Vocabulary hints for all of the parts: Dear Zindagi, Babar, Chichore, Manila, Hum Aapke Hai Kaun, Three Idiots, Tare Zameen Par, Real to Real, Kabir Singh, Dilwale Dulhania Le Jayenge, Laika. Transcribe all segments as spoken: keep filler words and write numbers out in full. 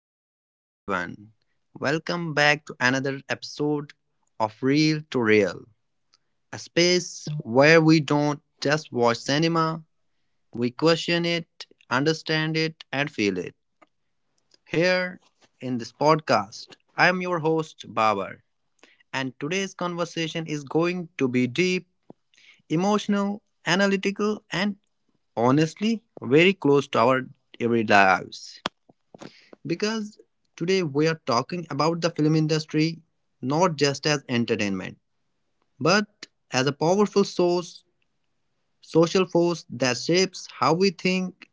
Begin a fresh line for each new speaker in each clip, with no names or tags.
Hello, everyone. Welcome back to another episode of Real to Real, a space where we don't just watch cinema, we question it, understand it, and feel it. Here in this podcast, I am your host, Babar, and today's conversation is going to be deep, emotional, analytical, and honestly, very close to our everyday lives. because today we are talking about the film industry not just as entertainment, but as a powerful source, social force that shapes how we think,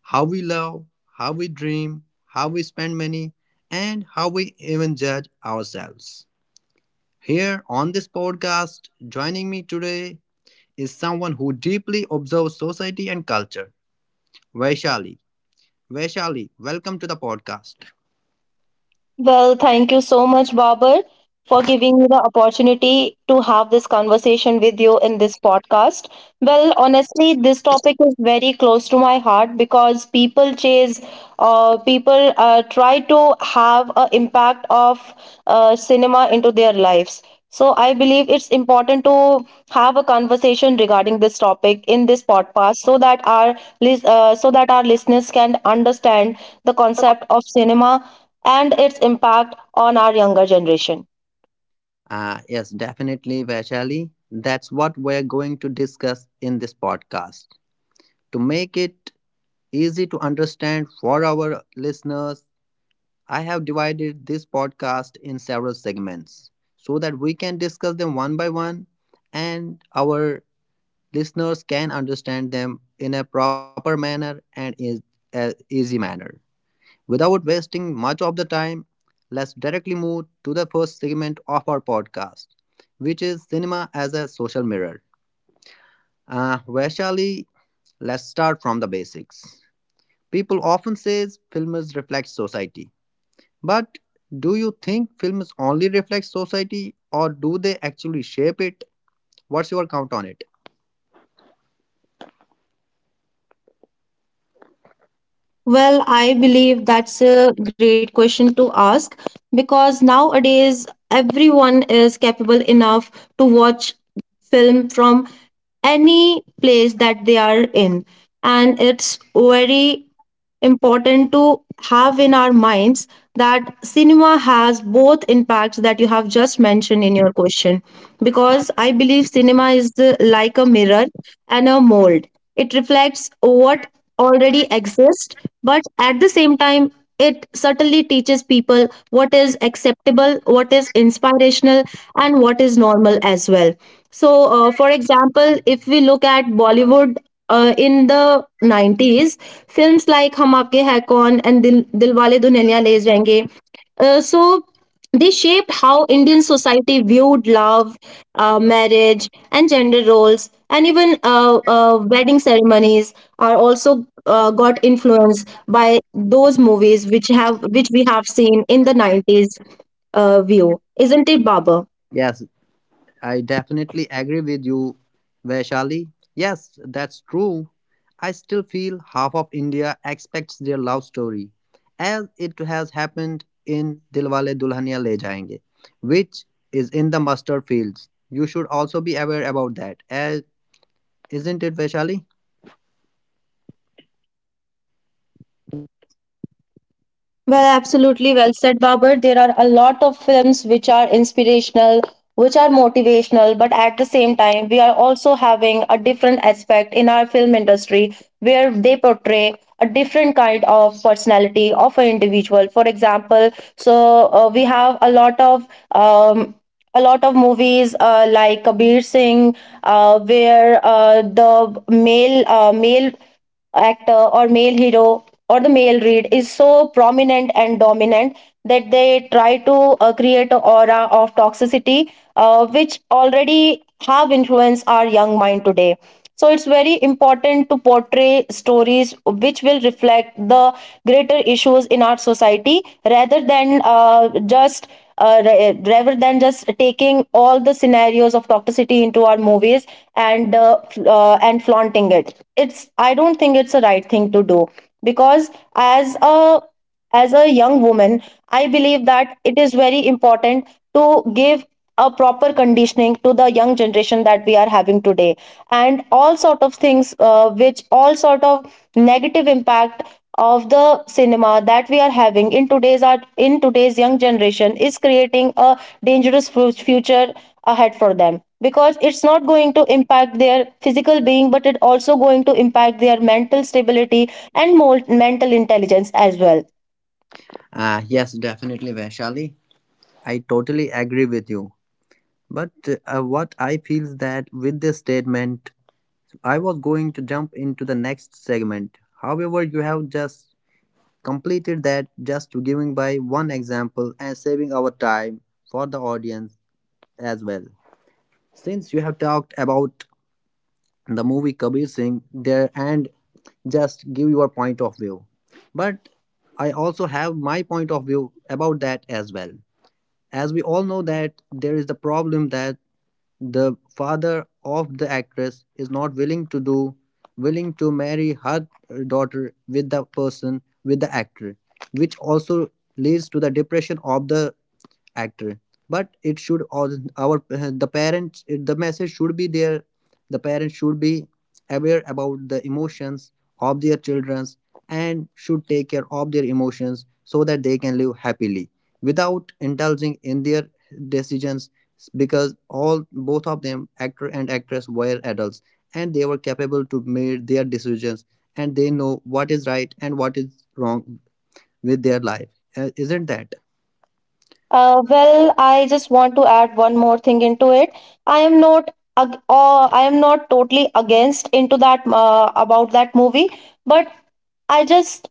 how we love, how we dream, how we spend money, and how we even judge ourselves. Here on this podcast, joining me today is someone who deeply observes society and culture, Vaishali. Vaishali, welcome to the podcast.
Well, thank you so much, Babar, for giving me the opportunity to have this conversation with you in this podcast. Well, honestly, this topic is very close to my heart because people chase, uh, people uh, try to have an impact of uh, cinema into their lives. So I believe it's important to have a conversation regarding this topic in this podcast, so that our lis- uh, so that our listeners can understand the concept of cinema and its impact on our younger generation.
Uh, yes, definitely, Vaishali. That's what we're going to discuss in this podcast. To make it easy to understand for our listeners, I have divided this podcast in several segments so that we can discuss them one by one, and our listeners can understand them in a proper manner and in a easy manner. Without wasting much of the time, let's directly move to the first segment of our podcast, which is cinema as a social mirror. Uh, Vaishali, let's start from the basics. People often say films reflect society, but do you think films only reflect society, or do they actually shape it? What's your count on it?
Well, I believe that's a great question to ask because nowadays everyone is capable enough to watch film from any place that they are in, and it's very important to have in our minds that cinema has both impacts that you have just mentioned in your question, because I believe cinema is the, like a mirror and a mold. It reflects what already exists, but at the same time it certainly teaches people what is acceptable, what is inspirational, and what is normal as well. So uh, for example, if we look at Bollywood uh, in the nineties, films like Hum Aapke Hai Kaun and dil, Dilwale Dulhania Le Jayenge, uh, so they shaped how Indian society viewed love, uh, marriage, and gender roles. And even uh, uh, wedding ceremonies are also uh, got influenced by those movies which have which we have seen in the nineties, uh, view. Isn't it, Baba?
Yes, I definitely agree with you, Vaishali. Yes, that's true. I still feel half of India expects their love story, as it has happened in Dilwale Dulhania Le Jayenge, which is in the mustard fields. You should also be aware about that, as isn't it, Vaishali?
Well, absolutely well said, Babar. There are a lot of films which are inspirational, which are motivational, but at the same time, we are also having a different aspect in our film industry where they portray a different kind of personality of an individual. For example, so uh, we have a lot of um, a lot of movies uh, like Kabir Singh, uh, where uh, the male uh, male actor or male hero or the male lead is so prominent and dominant that they try to uh, create an aura of toxicity uh, which already have influenced our young mind today. So it's very important to portray stories which will reflect the greater issues in our society, rather than uh, just uh, ra- rather than just taking all the scenarios of toxicity into our movies and uh, f- uh, and flaunting it. It's I don't think it's a right thing to do, because as a as a young woman, I believe that it is very important to give a proper conditioning to the young generation that we are having today. And all sort of things uh, which all sort of negative impact of the cinema that we are having in today's art, in today's young generation, is creating a dangerous fu- future ahead for them, because it's not going to impact their physical being, but it also going to impact their mental stability and more mental intelligence as well.
Ah, yes, definitely, Vaishali. I totally agree with you. But uh, what I feel is that with this statement, I was going to jump into the next segment. However, you have just completed that just giving by one example and saving our time for the audience as well. Since you have talked about the movie Kabir Singh there and just give your point of view. But I also have my point of view about that as well. As we all know that there is the problem that the father of the actress is not willing to do willing to marry her daughter with the person with the actor, which also leads to the depression of the actor, but it should all our the parents it, the message should be there, the parents should be aware about the emotions of their children and should take care of their emotions so that they can live happily without indulging in their decisions, because all both of them actor and actress were adults and they were capable to make their decisions and they know what is right and what is wrong with their life. Uh, isn't that?
Uh, well, I just want to add one more thing into it. I am not ag- uh, I am not totally against into that uh, about that movie, but I just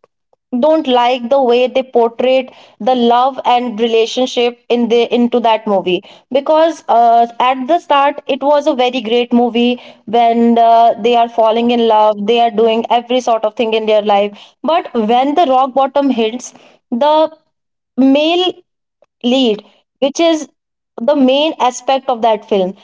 don't like the way they portrayed the love and relationship in the into that movie. Because uh, at the start it was a very great movie when uh, they are falling in love, they are doing every sort of thing in their life. But when the rock bottom hits the male lead, which is the main aspect of that film,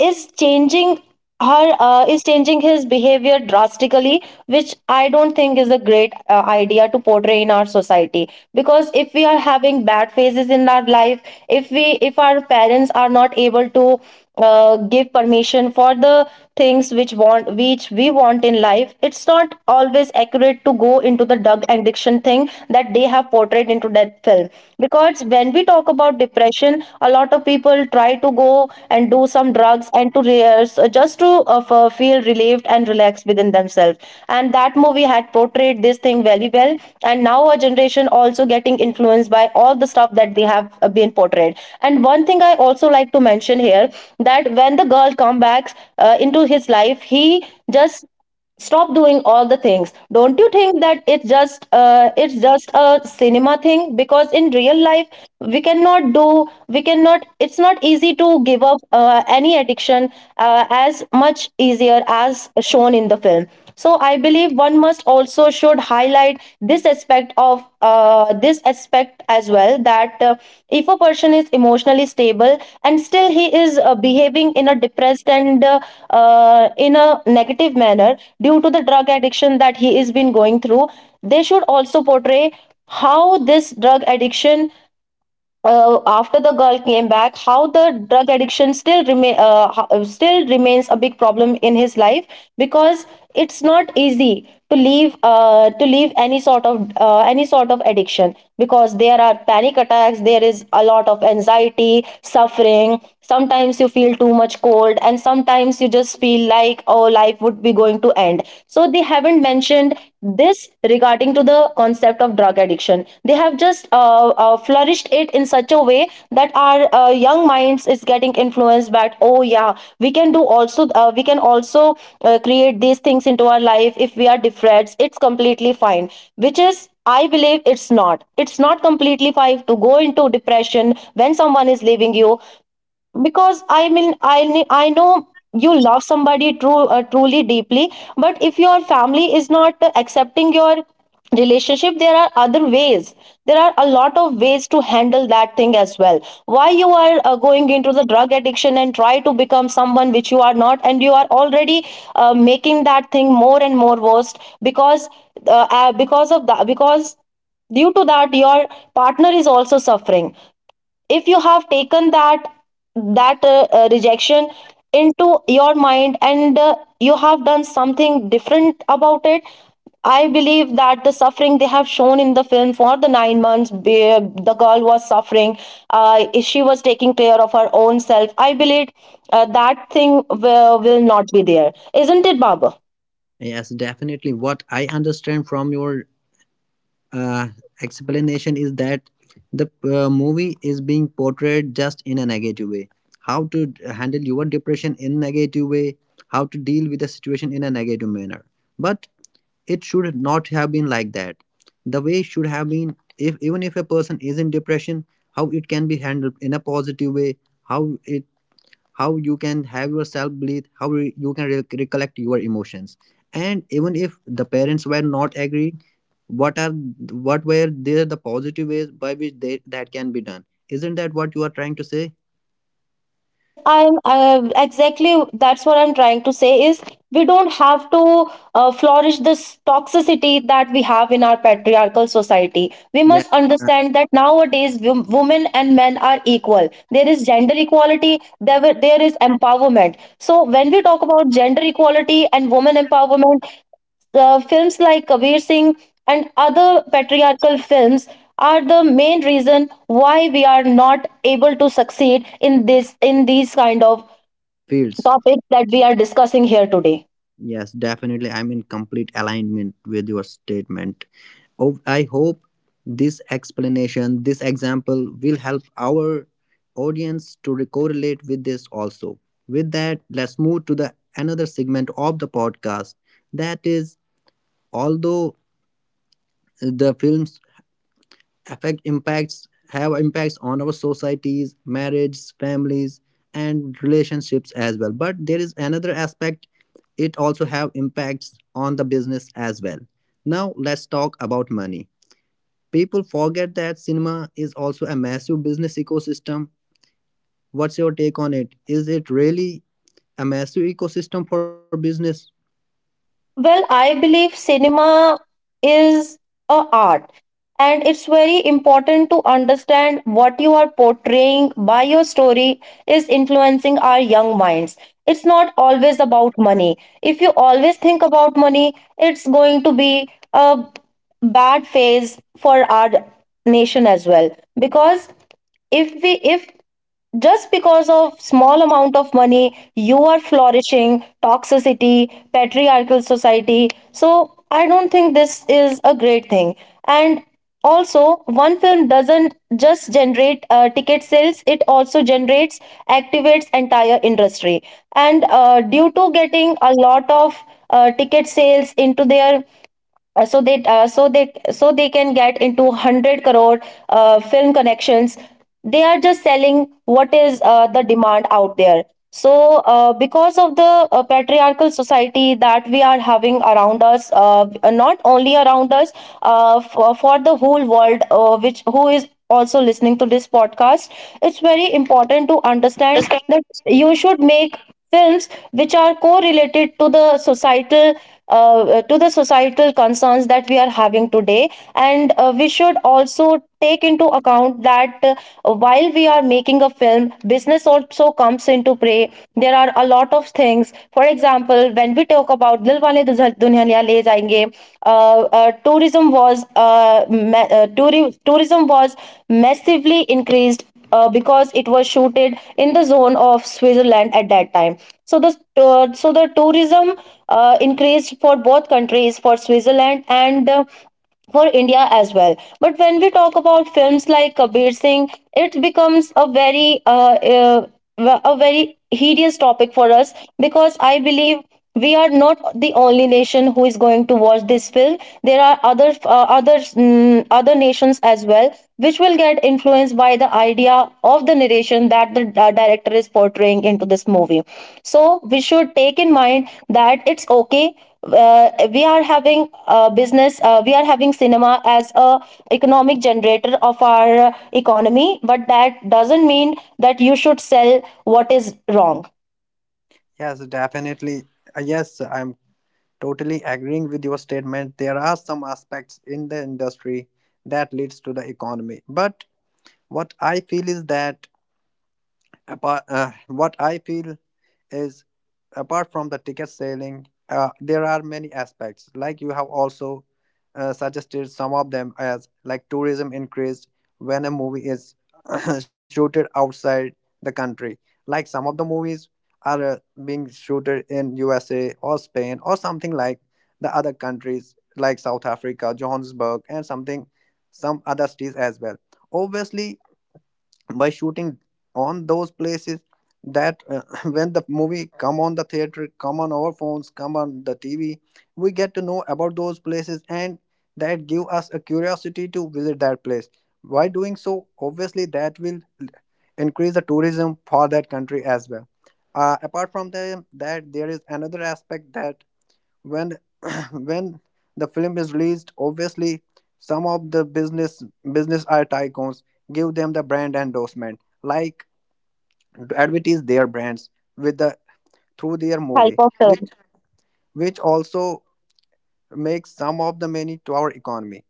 is changing her uh, is changing his behavior drastically, which I don't think is a great uh, idea to portray in our society. Because if we are having bad phases in our life, if we if our parents are not able to uh, give permission for the things which want which we want in life, it's not always accurate to go into the drug addiction thing that they have portrayed into that film. Because when we talk about depression, a lot of people try to go and do some drugs and to rehearse, uh, just to uh, f- uh, feel relieved and relaxed within themselves. And that movie had portrayed this thing very well, and now a generation also getting influenced, influenced by all the stuff that they have uh, been portrayed. And one thing I also like to mention here, that when the girl comes back uh, into his life, he just stop doing all the things. Don't you think that it's just uh, it's just a cinema thing? Because in real life we cannot do we cannot it's not easy to give up uh, any addiction uh, as much easier as shown in the film. So I believe one must also should highlight this aspect of uh, this aspect as well, that uh, if a person is emotionally stable and still he is uh, behaving in a depressed and uh, uh, in a negative manner due to the drug addiction that he is been going through, they should also portray how this drug addiction, uh, after the girl came back, how the drug addiction still remain uh, ho- uh, still remains a big problem in his life. Because it's not easy to leave uh, to leave any sort of uh, any sort of addiction, because there are panic attacks, there is a lot of anxiety, suffering. Sometimes you feel too much cold, and sometimes you just feel like, oh, life would be going to end. So they haven't mentioned this regarding to the concept of drug addiction. They have just uh, uh, flourished it in such a way that our uh, young minds is getting influenced by, oh yeah, we can do also uh, we can also uh, create these things into our life. If we are depressed, it's completely fine, which is I believe it's not it's not completely fine to go into depression when someone is leaving you. Because I mean, i kn- I know you love somebody, true uh, truly deeply, but if your family is not uh, accepting your relationship, there are other ways, there are a lot of ways to handle that thing as well. Why you are uh, going into the drug addiction and try to become someone which you are not, and you are already uh, making that thing more and more worst? Because uh, uh, because of that because due to that your partner is also suffering. If you have taken that that uh, uh, rejection into your mind and uh, you have done something different about it, I believe that the suffering they have shown in the film for the nine months, be- uh, the girl was suffering. Uh, she was taking care of her own self. I believe uh, that thing will, will not be there. Isn't it, Baba?
Yes, definitely. What I understand from your uh, explanation is that the uh, movie is being portrayed just in a negative way. How to d- handle your depression in negative way, how to deal with the situation in a negative manner. But it should not have been like that. The way should have been if even if a person is in depression, how it can be handled in a positive way, how how you can have your self belief, how re- you can re- recollect your emotions, and even if the parents were not agree, what are what were there the positive ways by which they, that can be done. Isn't that what you are trying to say?
Yes, I'm uh, exactly, that's what I'm trying to say is, we don't have to uh, flourish this toxicity that we have in our patriarchal society. We
Yes,
must
uh,
understand that nowadays, wo- women and men are equal. There is gender equality, there, were- there is empowerment. So when we talk about gender equality and women empowerment, the films like Kabir Singh and other patriarchal films are the main reason why we are not able to succeed in this in these kind of
fields.
topics that we are discussing here today.
Yes, definitely, I'm in complete alignment with your statement. Oh, I hope this explanation, this example will help our audience to re- correlate with this also. With that, let's move to the another segment of the podcast. That is, although the film's affect impacts have impacts on our societies, marriages, families, and relationships as well. But there is another aspect, it also have impacts on the business as well. Now let's talk about money. People forget that cinema is also a massive business ecosystem. What's your take on it? Is it really a massive ecosystem for business?
Well, I believe cinema is a art, and it's very important to understand what you are portraying by your story is influencing our young minds. It's not always about money. If you always think about money, it's going to be a bad phase for our nation as well. Because if we if just because of small amount of money you are flourishing toxicity, patriarchal society, so I don't think this is a great thing. And also, one film doesn't just generate uh, ticket sales, it also generates, activates entire industry. And uh, due to getting a lot of uh, ticket sales into their uh, so they uh, so they so they can get into one hundred crore uh, film connections, they are just selling what is uh, the demand out there. So uh, because of the uh, patriarchal society that we are having around us, uh, not only around us, uh, for, for the whole world, uh, which who is also listening to this podcast, it's very important to understand that you should make films which are correlated to the societal uh, to the societal concerns that we are having today. And uh, we should also take into account that uh, while we are making a film, business also comes into play. There are a lot of lot of things. For example, when we talk about Dilwale Dulhaniya Le Jayenge, uh, uh, tourism was uh, ma- uh, touri- tourism was massively increased, uh, because it was shooted in the zone of Switzerland at that time. So the uh, so the tourism uh, increased for both countries, for Switzerland and. Uh, for India as well. But when we talk about films like Kabir Singh, it becomes a very uh, uh, a very hideous topic for us because I believe we are not the only nation who is going to watch this film. There are other uh, other mm, other nations as well which will get influenced by the idea of the narration that the uh, director is portraying into this movie. So we should take in mind that it's okay, uh, we are having uh, business, uh, we are having cinema as a economic generator of our uh, economy, but that doesn't mean that you should sell what is wrong.
Yes, definitely. Uh, Yes, I'm totally agreeing with your statement. There are some aspects in the industry that leads to the economy. But what I feel is that apart uh, what I feel is apart from the ticket selling, uh, there are many aspects like you have also uh, suggested some of them as like tourism increased when a movie is shooted outside the country, like some of the movies are uh, being shooted in U S A or Spain or something like the other countries like South Africa, Johannesburg, and something some other cities as well. Obviously, by shooting on those places, that uh, when the movie come on the theater, come on our phones, come on the T V, we get to know about those places, and that give us a curiosity to visit that place. By doing so, obviously that will increase the tourism for that country as well. Uh, apart from the, that, there is another aspect that when when the film is released, obviously some of the business business are tycoons give them the brand endorsement, like advertise their brands with the through their
Help
movie,
of.
which which also makes some of the money to our economy.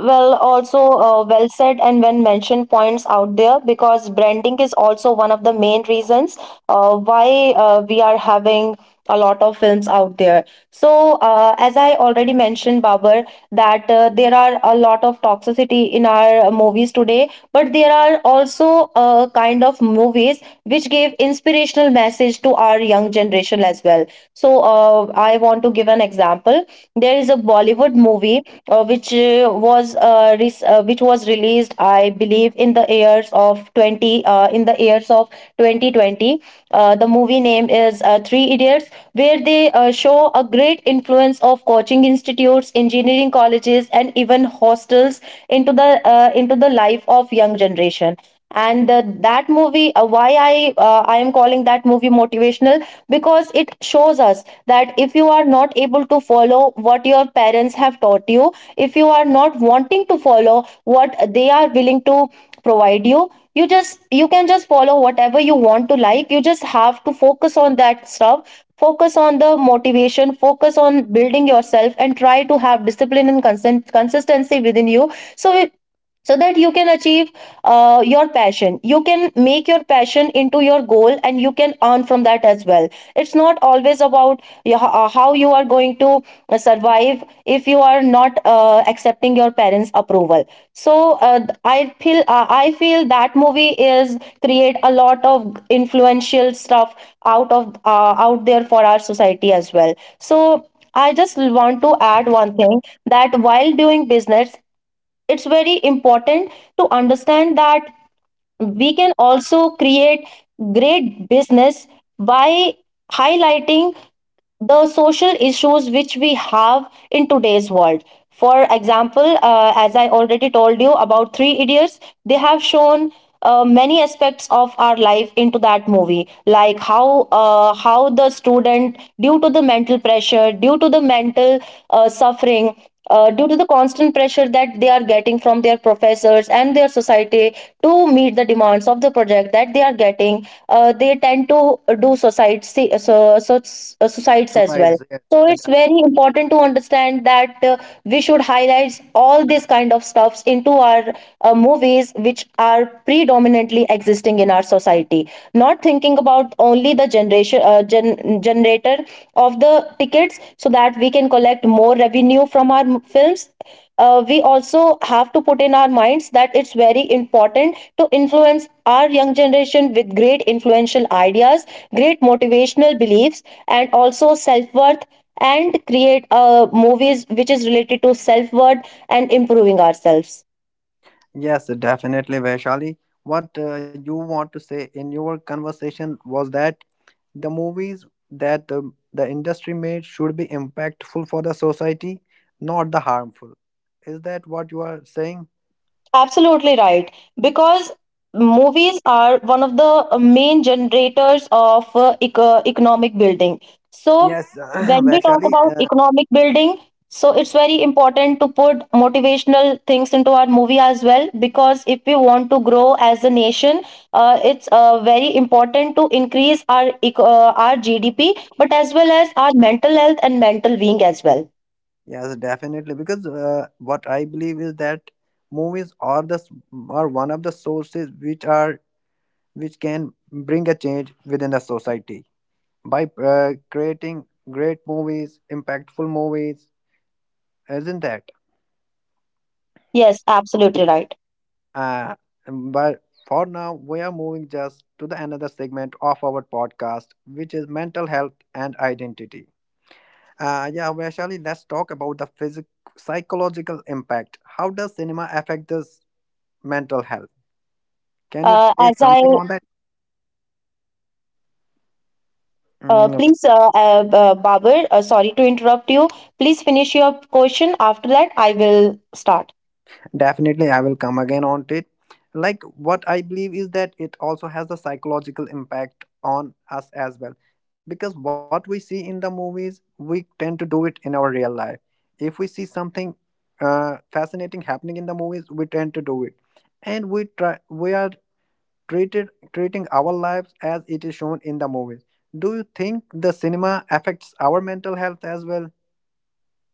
Well, also uh, well said, and when mentioned points out there, because branding is also one of the main reasons uh, why uh, we are having a lot of films out there. So, uh, as I already mentioned, Babar, that uh, there are a lot of toxicity in our uh, movies today, but there are also uh, kind of movies which give inspirational message to our young generation as well. So, uh, I want to give an example. There is a Bollywood movie uh, which uh, was uh, res- uh, which was released, I believe, in the years of twenty uh, in the years of twenty twenty. Uh, the movie name is uh, Three Idiots, where they uh, show a great influence of coaching institutes, engineering colleges, and even hostels into the uh, into the life of young generation. And uh, that movie uh, why I uh, I am calling that movie motivational because it shows us that if you are not able to follow what your parents have taught you, if you are not wanting to follow what they are willing to provide you, you just you can just follow whatever you want to, like you just have to focus on that stuff, focus on the motivation, focus on building yourself, and try to have discipline and consent, consistency within you, so so that you can achieve uh, your passion, you can make your passion into your goal, and you can earn from that as well. It's not always about y- ho- how you are going to uh, survive if you are not uh, accepting your parents approval. So, uh, i feel uh, I feel that movie is create a lot of influential stuff out of uh, out there for our society as well. So I just want to add one thing, that while doing business it's very important to understand that we can also create great business by highlighting the social issues which we have in today's world. For example, uh, as I already told you about Three Idiots, they have shown uh, many aspects of our life into that movie, like how uh, how the student, due to the mental pressure, due to the mental uh, suffering, uh, due to the constant pressure that they are getting from their professors and their society, to meet the demands of the project that they are getting, uh, they tend to do suicides. So, so, uh, suicides as well.
Besides, yes,
So
and-
it's very important to understand that, uh, we should highlight all these kind of stuffs into our uh, movies which are predominantly existing in our society, not thinking about only the generation uh, gen- generator of the tickets so that we can collect more revenue from our m- films. Uh, we also have to put in our minds that it's very important to influence our young generation with great influential ideas, great motivational beliefs, and also self worth, and create uh, movies which is related to self worth and improving ourselves.
yes, definitely, Vaishali, what uh, you want to say in your conversation was that the movies that the, the industry made should be impactful for the society, not the harmful. Is that what you are saying?
Absolutely right. Because movies are one of the uh, main generators of uh, eco- economic building. So,
Yes,
when we talk
Vaishali.
about
Uh,
economic building, so it's very important to put motivational things into our movie as well, because if we want to grow as a nation, uh, it's uh, very important to increase our eco- uh, our G D P, but as well as our mental health and mental being as well.
yes, definitely. Because uh, what I believe is that movies are the s- are one of the sources which are which can bring a change within the society by uh, creating great movies, impactful movies, isn't that?
Yes, absolutely right.
Uh, but for now, we are moving just to the another segment of our podcast, which is mental health and identity. Uh, yeah, Vaishali, let's talk about the physic psychological impact. How does cinema affect this mental health? Can you
Uh,
say
as I
something on that?
Uh,
Mm.
please, uh, uh, uh, Babur, uh, sorry to interrupt you. Please finish your question. After that, I will start.
Definitely, I will come again on to it. Like what I believe is that it also has a psychological impact on us as well. Because what we see in the movies, we tend to do it in our real life. If we see something uh, fascinating happening in the movies, we tend to do it, and we try. We are treated treating our lives as it is shown in the movies. Do you think the cinema affects our mental health as well?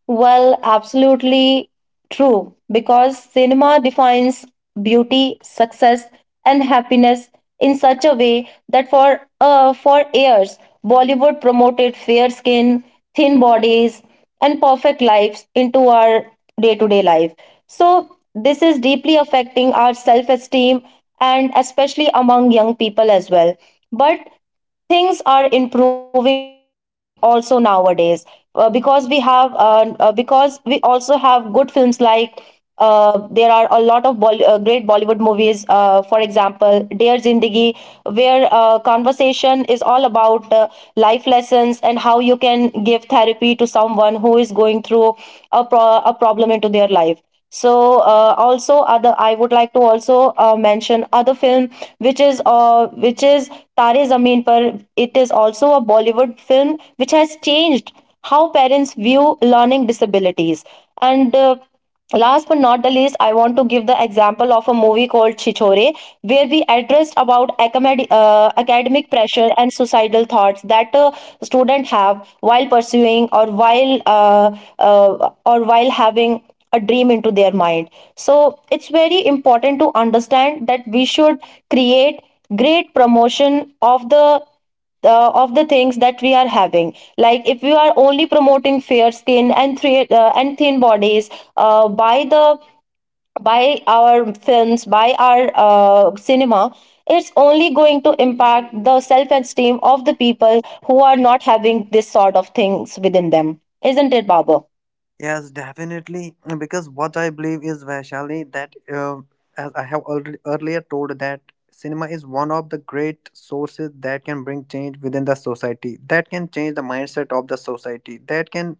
Well, absolutely true, because cinema defines beauty, success, and happiness in such a way that for uh, for years Bollywood promoted fair skin, thin bodies, and perfect lives into our day-to-day life. So this is deeply affecting our self-esteem, and especially among young people as well. But things are improving also nowadays, uh, because we have uh, uh, because we also have good films like, uh, there are a lot of Bolly uh, great Bollywood movies, uh, for example, Dear Zindagi, where uh, conversation is all about uh, life lessons and how you can give therapy to someone who is going through a, pro- a problem into their life. So, uh, also other, I would like to also uh, mention other film, which is uh, which is Tare Zameen Par. It is also a Bollywood film which has changed how parents view learning disabilities and. Uh, Last but not the least, I want to give the example of a movie called Chichore, where we addressed about acamad- uh, academic pressure and suicidal thoughts that a student have while pursuing or while uh, uh, or while having a dream into their mind. So it's very important to understand that we should create great promotion of the uh, of the things that we are having, like if we are only promoting fair skin and thre- uh, and thin bodies, uh, by the by our films, by our uh, cinema, it's only going to impact the self esteem of the people who are not having this sort of things within them. Isn't it, baba?
Yes, definitely. Because what I believe is, Vaishali, that uh, as I have already earlier told that cinema is one of the great sources that can bring change within the society, that can change the mindset of the society, that can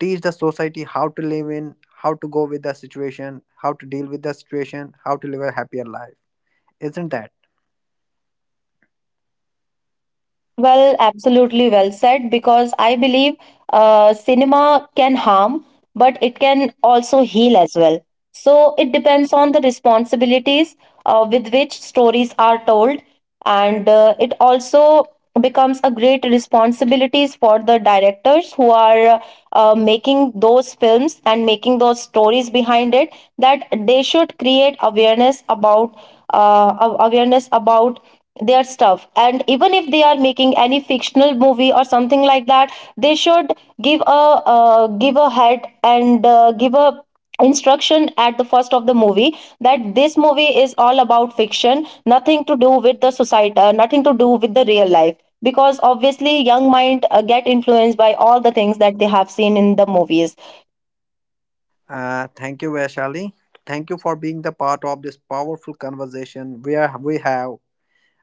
teach the society how to live in, how to go with the situation, how to deal with the situation, how to live a happier life. Isn't that?
Well, absolutely well said, because I believe uh, cinema can harm, but it can also heal as well. So it depends on the responsibilities uh, with which stories are told. And uh, it also becomes a great responsibilities for the directors who are uh, making those films and making those stories behind it, that they should create awareness about uh, a- awareness about their stuff. And even if they are making any fictional movie or something like that, they should give a uh, give a head, and uh, give a instruction at the first of the movie that this movie is all about fiction, nothing to do with the society, uh, nothing to do with the real life, because obviously young mind uh, get influenced by all the things that they have seen in the movies.
Uh, thank you, Vaishali. Thank you for being the part of this powerful conversation. We are. We have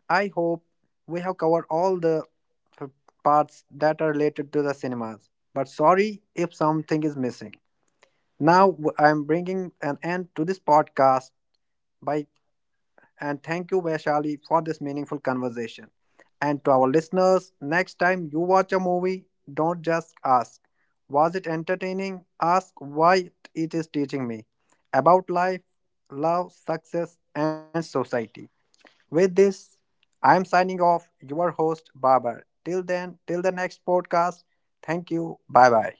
I hope we have covered all the uh, parts that are related to the cinemas, but sorry if something is missing. Now w- I'm bringing an end to this podcast by and thank you Vaishali for this meaningful conversation. And to our listeners, next time you watch a movie, don't just ask, was it entertaining? Ask why it is teaching me about life, love, success and society. With this, I am signing off your host Babar. Till then, till the next podcast. Thank you. Bye bye.